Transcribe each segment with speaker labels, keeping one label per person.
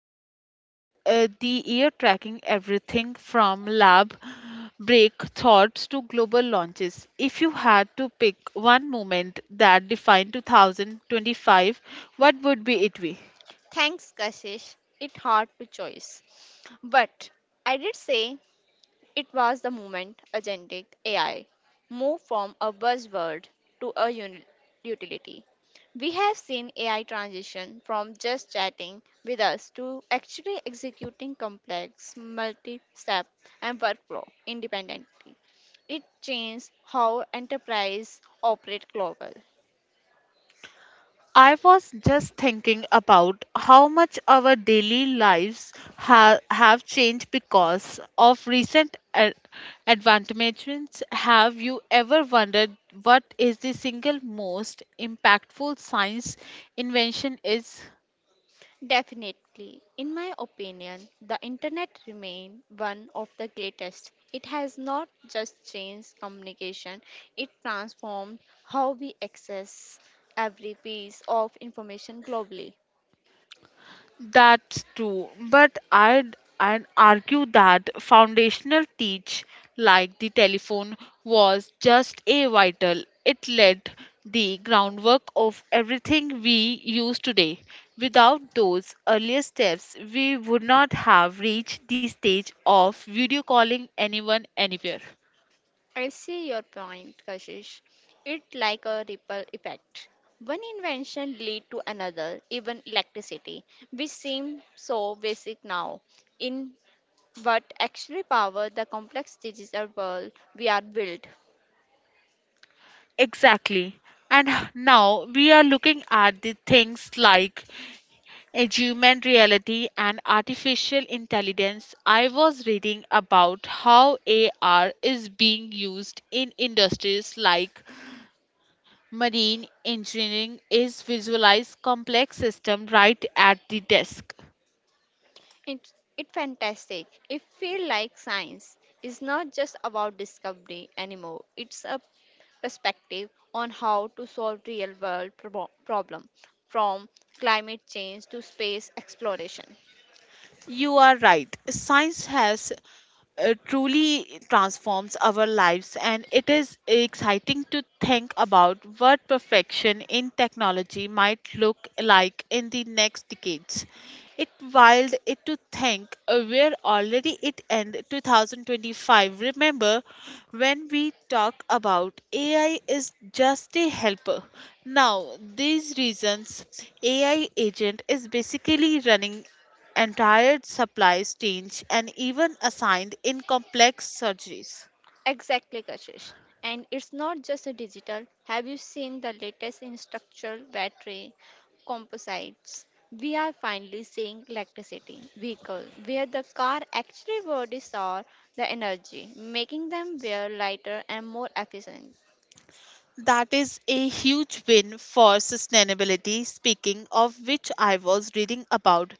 Speaker 1: We had spent the year tracking everything from lab break thoughts to global launches. If you had to pick one moment that defined 2025, what would be it be?
Speaker 2: Thanks, Kashish. It hard to choose. But I did say it was the moment agentic AI moved from a buzzword to a utility. We have seen AI transition from just chatting with us to actually executing complex multi-step and workflow independently. It changed how enterprise operate global.
Speaker 1: I was just thinking about how much our daily lives have changed because of recent advancements. Have you ever wondered what is the single most impactful science invention is?
Speaker 2: Definitely. In my opinion, the internet remains one of the greatest. It has not just changed communication, it transformed how we access every piece of information globally.
Speaker 1: That's true, but I'd argue that foundational teach, like the telephone, was just a vital. It laid the groundwork of everything we use today. Without those earlier steps, we would not have reached the stage of video calling anyone anywhere.
Speaker 2: I see your point, Kashish. It like a ripple effect. One invention lead to another, even electricity, which seems so basic now, in but actually power the complex digital world we are built.
Speaker 1: Exactly. And now we are looking at the things like human reality and artificial intelligence. I was reading about how AR is being used in industries like marine engineering is visualize complex system right at the desk.
Speaker 2: It fantastic. It feel like science is not just about discovery anymore. It's a perspective on how to solve real world problem from climate change to space exploration.
Speaker 1: You are right. Science has truly transforms our lives, and it is exciting to think about what perfection in technology might look like in the next decades. It wild it to think we're already it end 2025. Remember when we talk about AI is just a helper? Now these reasons AI agent is basically running entire supply chains, and even assigned in complex surgeries.
Speaker 2: Exactly, Kashish. And it's not just a digital. Have you seen the latest in structural battery composites? We are finally seeing electricity vehicle where the car actually bodies are the energy, making them wear lighter and more efficient.
Speaker 1: That is a huge win for sustainability. Speaking of which, I was reading about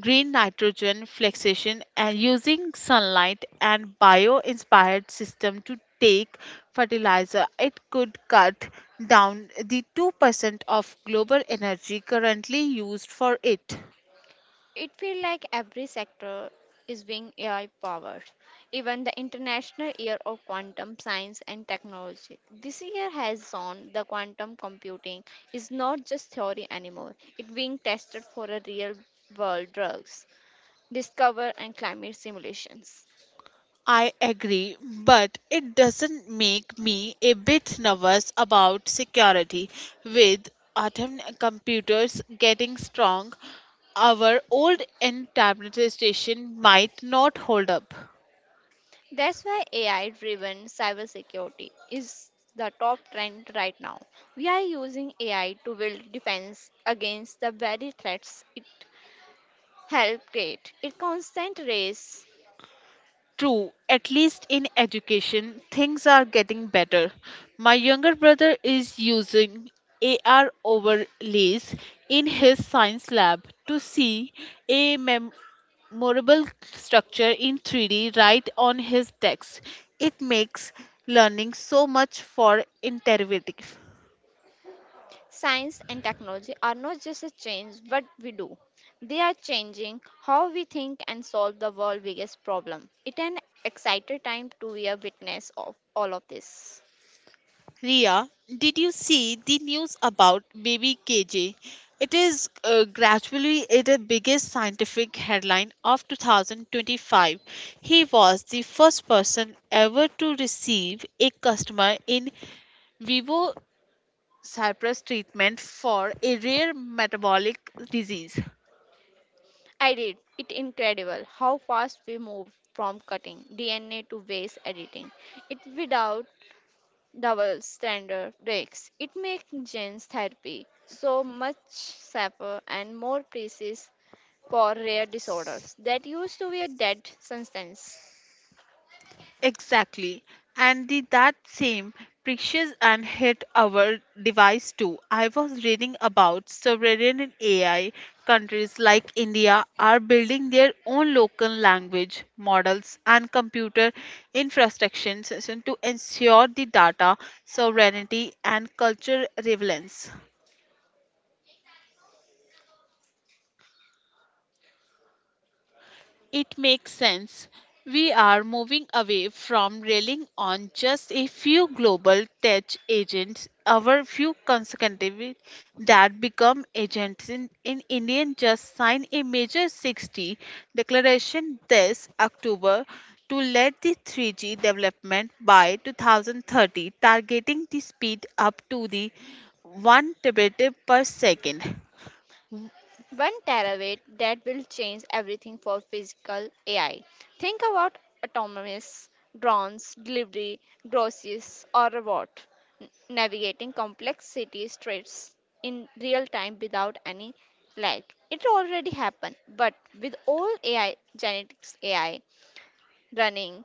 Speaker 1: green nitrogen fixation and using sunlight and bio inspired system to take fertilizer. It could cut down the 2% of global energy currently used for it.
Speaker 2: It feels like every sector is being AI powered, even the International Year of Quantum Science and Technology. This year has shown the quantum computing is not just theory anymore, it's being tested for a real world drugs, discover and climate simulations.
Speaker 1: I agree, but it doesn't make me a bit nervous about security. With atom computers getting strong, our old end tablet station might not hold up.
Speaker 2: That's why AI driven cybersecurity is the top trend right now. We are using AI to build defense against the very threats it. Help create a constant race.
Speaker 1: True, at least in education, things are getting better. My younger brother is using AR overlays in his science lab to see a memorable structure in 3D right on his text. It makes learning so much for interrogative.
Speaker 2: Science and technology are not just a change what we do. They are changing how we think and solve the world's biggest problem. It's an exciting time to be a witness of all of this.
Speaker 1: Ria, did you see the news about baby KJ? It is gradually the biggest scientific headline of 2025. He was the first person ever to receive a customer in vivo Cypress treatment for a rare metabolic disease.
Speaker 2: I did. It incredible how fast we move from cutting DNA to base editing. It without double standard breaks. It makes gene therapy so much safer and more precise for rare disorders that used to be a dead substance.
Speaker 1: Exactly. And the that same precious and hit our device too. I was reading about sovereign AI. Countries like India are building their own local language models and computer infrastructures to ensure the data sovereignty and cultural relevance. It makes sense. We are moving away from relying on just a few global tech agents, our few consecutive that become agents in Indian just signed a major 60 declaration this October to lead the 3G development by 2030, targeting the speed up to the 1 terabit per second.
Speaker 2: One terabyte that will change everything for physical AI. Think about autonomous drones, delivery, groceries, or robot n- navigating complex city streets in real time without any lag. It already happened, but with all AI, genetics AI running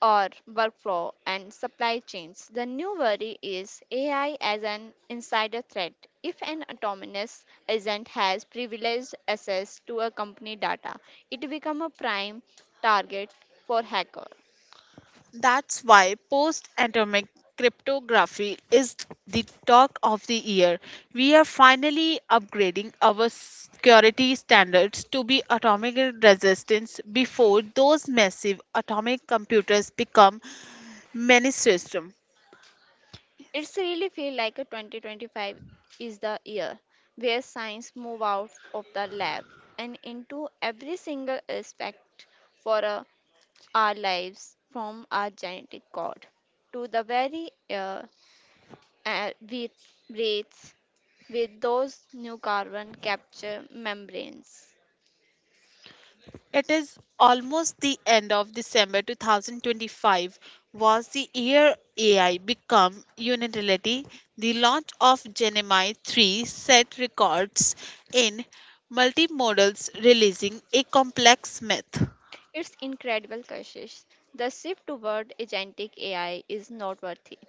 Speaker 2: or workflow and supply chains. The new worry is AI as an insider threat. If an autonomous agent has privileged access to a company data, it becomes a prime target for hacker.
Speaker 1: That's why post atomic cryptography is the talk of the year. We are finally upgrading our security standards to be atomic resistance before those massive atomic computers become mainstream.
Speaker 2: It's really feel like a 2025 is the year where science move out of the lab and into every single aspect for our lives from our genetic code to the very with rates with those new carbon capture membranes.
Speaker 1: It is almost the end of December 2025 was the year AI become unitality. The launch of Gemini 3 set records in multimodals releasing a complex myth.
Speaker 2: It's incredible, Kashish. The shift toward agentic AI is noteworthy.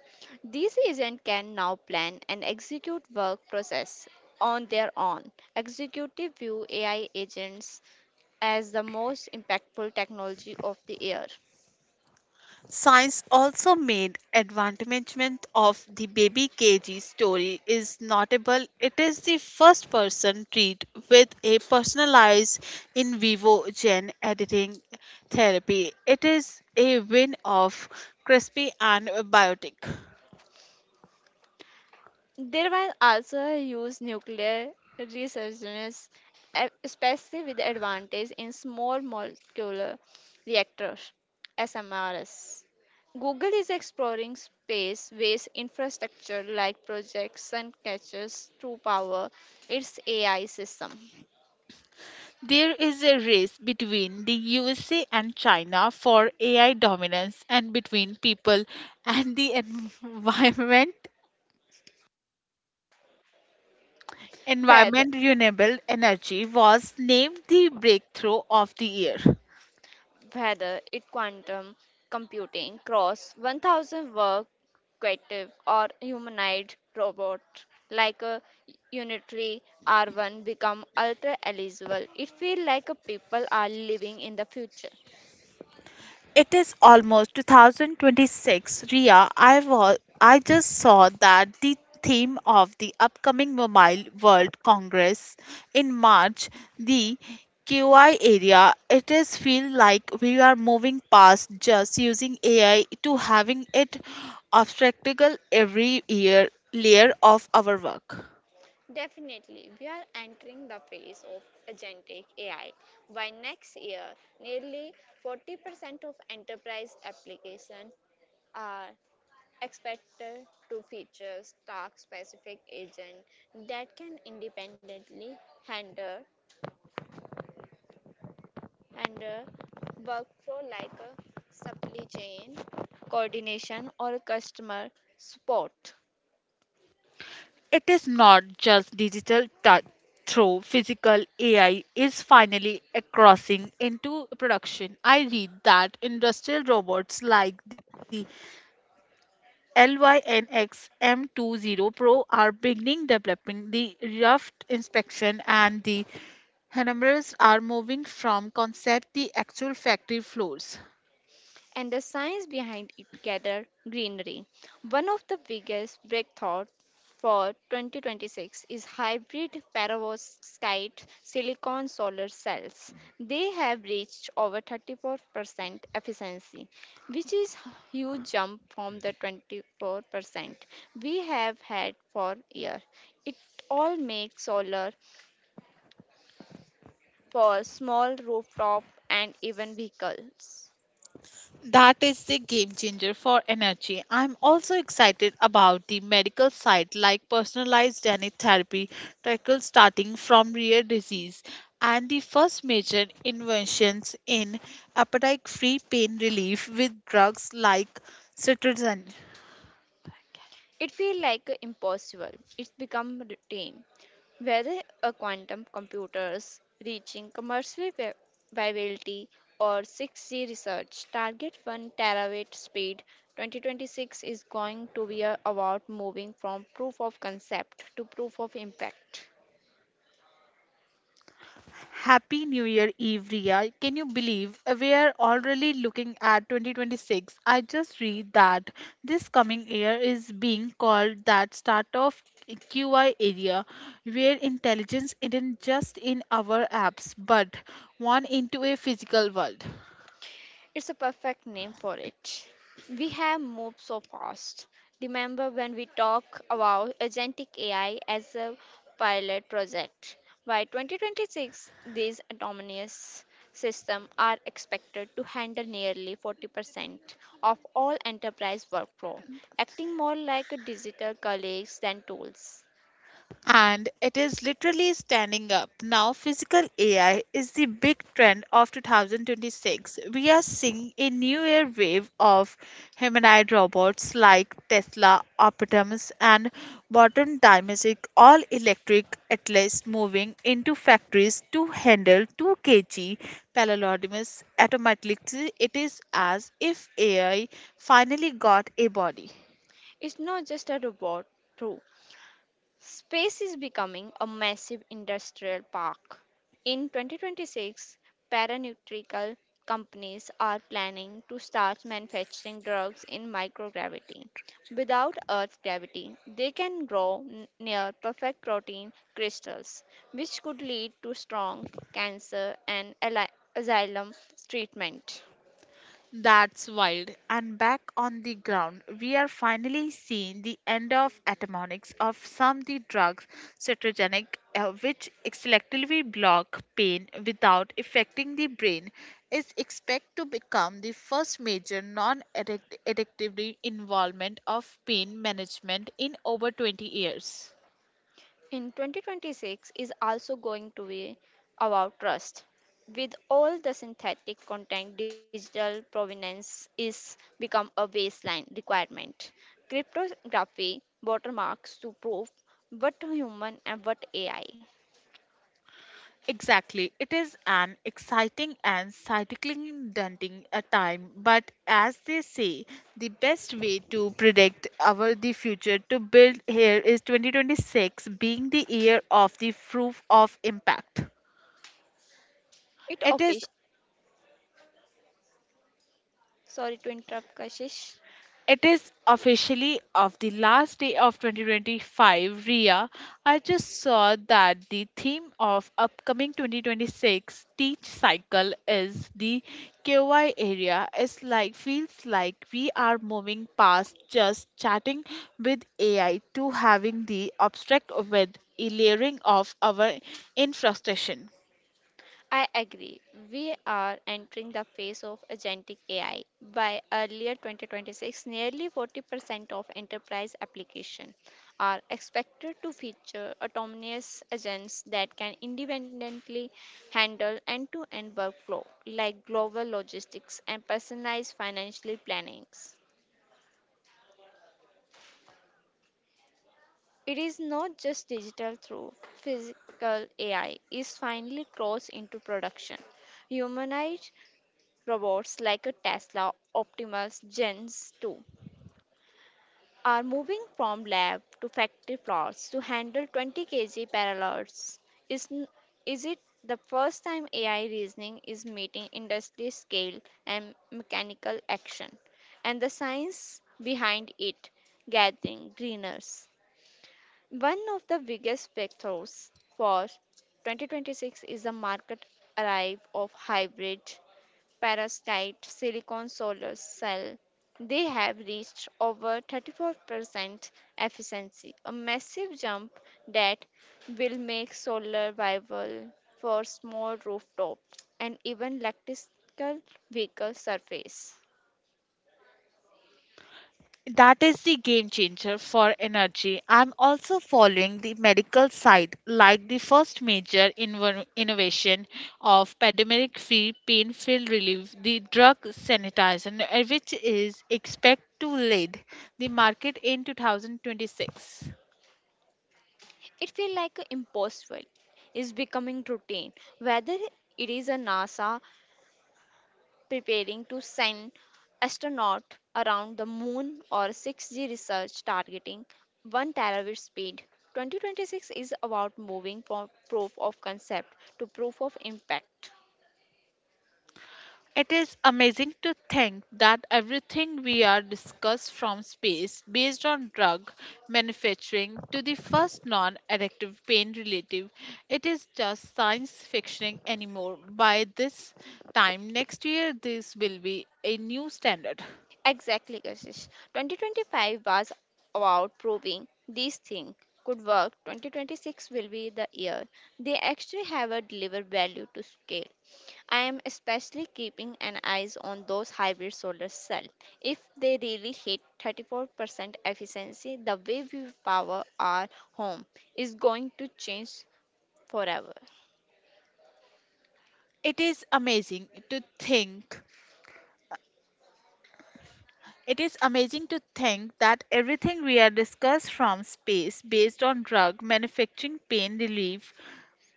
Speaker 2: These agents can now plan and execute work process on their own. Executive view AI agents as the most impactful technology of the year.
Speaker 1: Science also made advancement of the baby KG story is notable. It is the first person treat with a personalized in vivo gene editing therapy. It is a win of CRISPR and biotic.
Speaker 2: They was also use nuclear resurgence, especially with the advantage in small molecular reactors (SMRs). Google is exploring space-based infrastructure like Project Suncatcher to power its AI system.
Speaker 1: There is a race between the USA and China for AI dominance and between people and the environment.
Speaker 2: Whether
Speaker 1: Environment renewable energy was named the breakthrough of the year.
Speaker 2: whether it quantum computing cross 1000 work quantitative or humanoid robot like a unitary r1 become ultra eligible, it feels like a people are living in the future.
Speaker 1: It is almost 2026. Ria, I just saw that the theme of the upcoming Mobile World Congress in March, the QI area, it is feel like we are moving past just using AI to having it obstacle every year layer of our work.
Speaker 2: Definitely, we are entering the phase of agentic AI. By next year, nearly 40% of enterprise applications are expected to feature task specific agent that can independently handle handle workflow like a supply chain coordination or a customer support
Speaker 1: It is not just digital through physical AI is finally a crossing into production. I read that industrial robots like the LYNX M20 Pro are beginning developing the rough inspection and the Hammers are moving from concept to actual factory floors.
Speaker 2: and the science behind it gather greenery. One of the biggest breakthroughs for 2026 is hybrid perovskite silicon solar cells. They have reached over 34% efficiency, which is a huge jump from the 24% we have had for years. It all makes solar for small rooftop and even vehicles.
Speaker 1: That is the game changer for energy. I'm also excited about the medical side, like personalized DNA therapy tackles starting from rare disease and the first major inventions in appetite free pain relief with drugs like cetirizine.
Speaker 2: It feels like impossible. It's become routine. Whether a quantum computers reaching commercial viability or 6G research target 1 terawatt speed, 2026 is going to be about moving from proof of concept to proof of impact.
Speaker 1: Happy New Year, Eve Ria. Can you believe we are already looking at 2026? I just read that this coming year is being called that start of QI area, where intelligence isn't just in our apps but one into a physical world.
Speaker 2: It's a perfect name for it. We have moved so fast. Remember when we talk about agentic AI as a pilot project? By 2026, these autonomous systems are expected to handle nearly 40% of all enterprise workflow, acting more like a digital colleagues than tools.
Speaker 1: And it is literally standing up. Now, physical AI is the big trend of 2026. We are seeing a new air wave of humanoid robots like Tesla, Optimus, and modern domestic all electric Atlas moving into factories to handle 2 kg parallelodimus automatically. It is as if AI finally got a body.
Speaker 2: It's not just a robot. Space is becoming a massive industrial park. In 2026, pharmaceutical companies are planning to start manufacturing drugs in microgravity. Without Earth's gravity, they can grow near perfect protein crystals, which could lead to strong cancer and asylum treatment.
Speaker 1: That's wild. And back on the ground, we are finally seeing the end of atomics of some the drugs, cetogenic, which selectively block pain without affecting the brain, is expected to become the first major non-addictive involvement of pain management in over 20 years.
Speaker 2: In 2026 is also going to be about trust. With all the synthetic content, digital provenance is become a baseline requirement. Cryptography watermarks to prove what human and what AI.
Speaker 1: Exactly. It is an exciting and cyclically daunting a time, but as they say, the best way to predict our the future to build here is 2026 being the year of the proof of impact.
Speaker 2: It
Speaker 1: It is
Speaker 2: officially sorry to interrupt Kashish.
Speaker 1: It is officially of the last day of 2025, Ria. I just saw that the theme of upcoming 2026 teach cycle is the KY area. It's like feels like we are moving past just chatting with AI to having the abstract with a layering of our infrastructure.
Speaker 2: I agree. We are entering the phase of agentic AI. By earlier 2026, nearly 40% of enterprise applications are expected to feature autonomous agents that can independently handle end-to-end workflow like global logistics and personalized financial plannings. It is not just digital through physical AI is finally crossed into production. Humanoid Robots like a Tesla, Optimus, Gens too are moving from lab to factory floors to handle 20 kg parallels. Is, n- is it the first time AI reasoning is meeting industry scale and mechanical action and the science behind it gathering greeners? One of the biggest breakthroughs for 2026 is the market arrive of hybrid parasite silicon solar cell, they have reached over 34% efficiency, a massive jump that will make solar viable for small rooftop and even electrical vehicle surface.
Speaker 1: That is the game changer for energy. I'm also following the medical side, like the first major innovation of pandemic free pain pill relief, the drug sanitizer, which is expected to lead the market in 2026.
Speaker 2: It feels like impossible is becoming routine, whether it is a NASA preparing to send astronauts around the moon or 6G research targeting 1 terabit speed. 2026 is about moving from proof of concept to proof of impact.
Speaker 1: It is amazing to think that everything we are discussed from space based on drug manufacturing to the first non-addictive pain relative it is just science fiction anymore. By this time next year this will be a new standard.
Speaker 2: Exactly, Kashish. 2025 was about proving these things could work. 2026 will be the year they actually have a deliver value to scale. I am especially keeping an eyes on those hybrid solar cells. If they really hit 34% efficiency, the way we power our home is going to change forever.
Speaker 1: it is amazing to think it is amazing to think that everything we are discussed from space based on drug manufacturing pain relief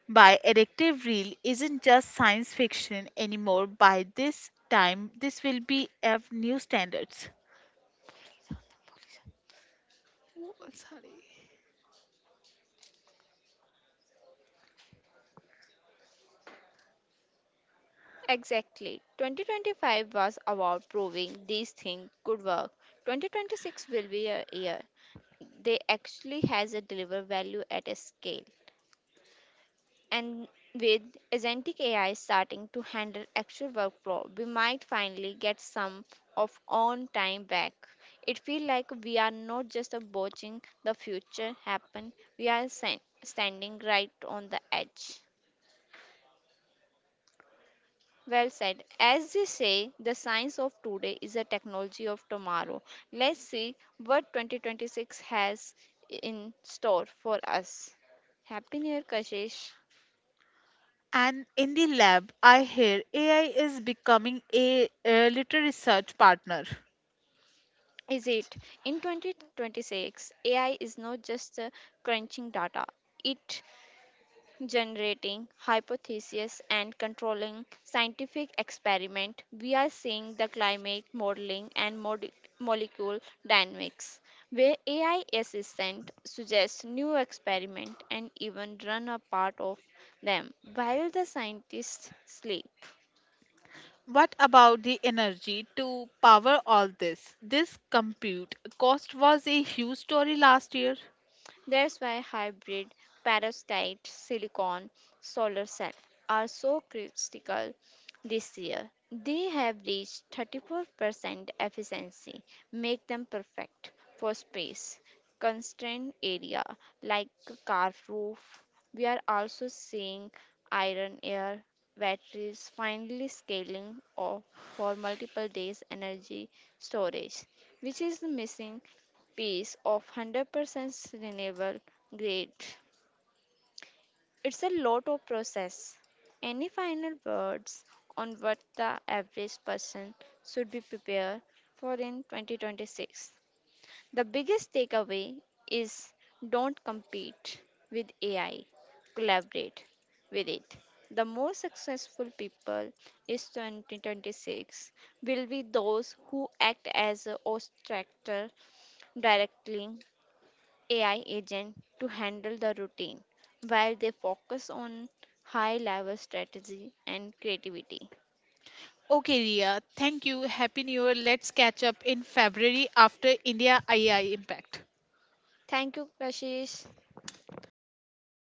Speaker 1: by addictive reel isn't just science fiction anymore. By this time this will be of new standards.
Speaker 2: Exactly. 2025 was about proving these things could work. 2026 will be a year they actually has a deliver value at a scale, and with agentic ai starting to handle actual workflow we might finally get some of on time back. It feels like we are not just watching the future happen, we are standing right on the edge. Well said. As they say, the science of today is the technology of tomorrow. Let's see what 2026 has in store for us. Happy New Year, Kashish.
Speaker 1: And in the lab I hear AI is becoming a little research partner.
Speaker 2: Is it in 2026? AI is not just crunching data, it generating hypotheses and controlling scientific experiment we are seeing the climate modeling and molecule dynamics where ai assistant suggests new experiment and even run a part of them while the scientists sleep.
Speaker 1: What about the energy to power all this? This compute cost was a huge story last year.
Speaker 2: That's why hybrid perovskite silicon solar cell are so critical this year. They have reached 34% efficiency, make them perfect for space constrained area like a car roof. We are also seeing iron air batteries finally scaling off for multiple days energy storage, which is the missing piece of 100% renewable grade. It's a lot of process. Any final words on what the average person should be prepared for in 2026? The biggest takeaway is don't compete with AI, collaborate with it. The most successful people in 2026 will be those who act as a obstacle directly AI agent to handle the routine while they focus on high level strategy and creativity.
Speaker 1: Okay, Ria, thank you. Happy New Year. Let's catch up in February after India AI impact.
Speaker 2: Thank you, Kashish. Thank you, listeners.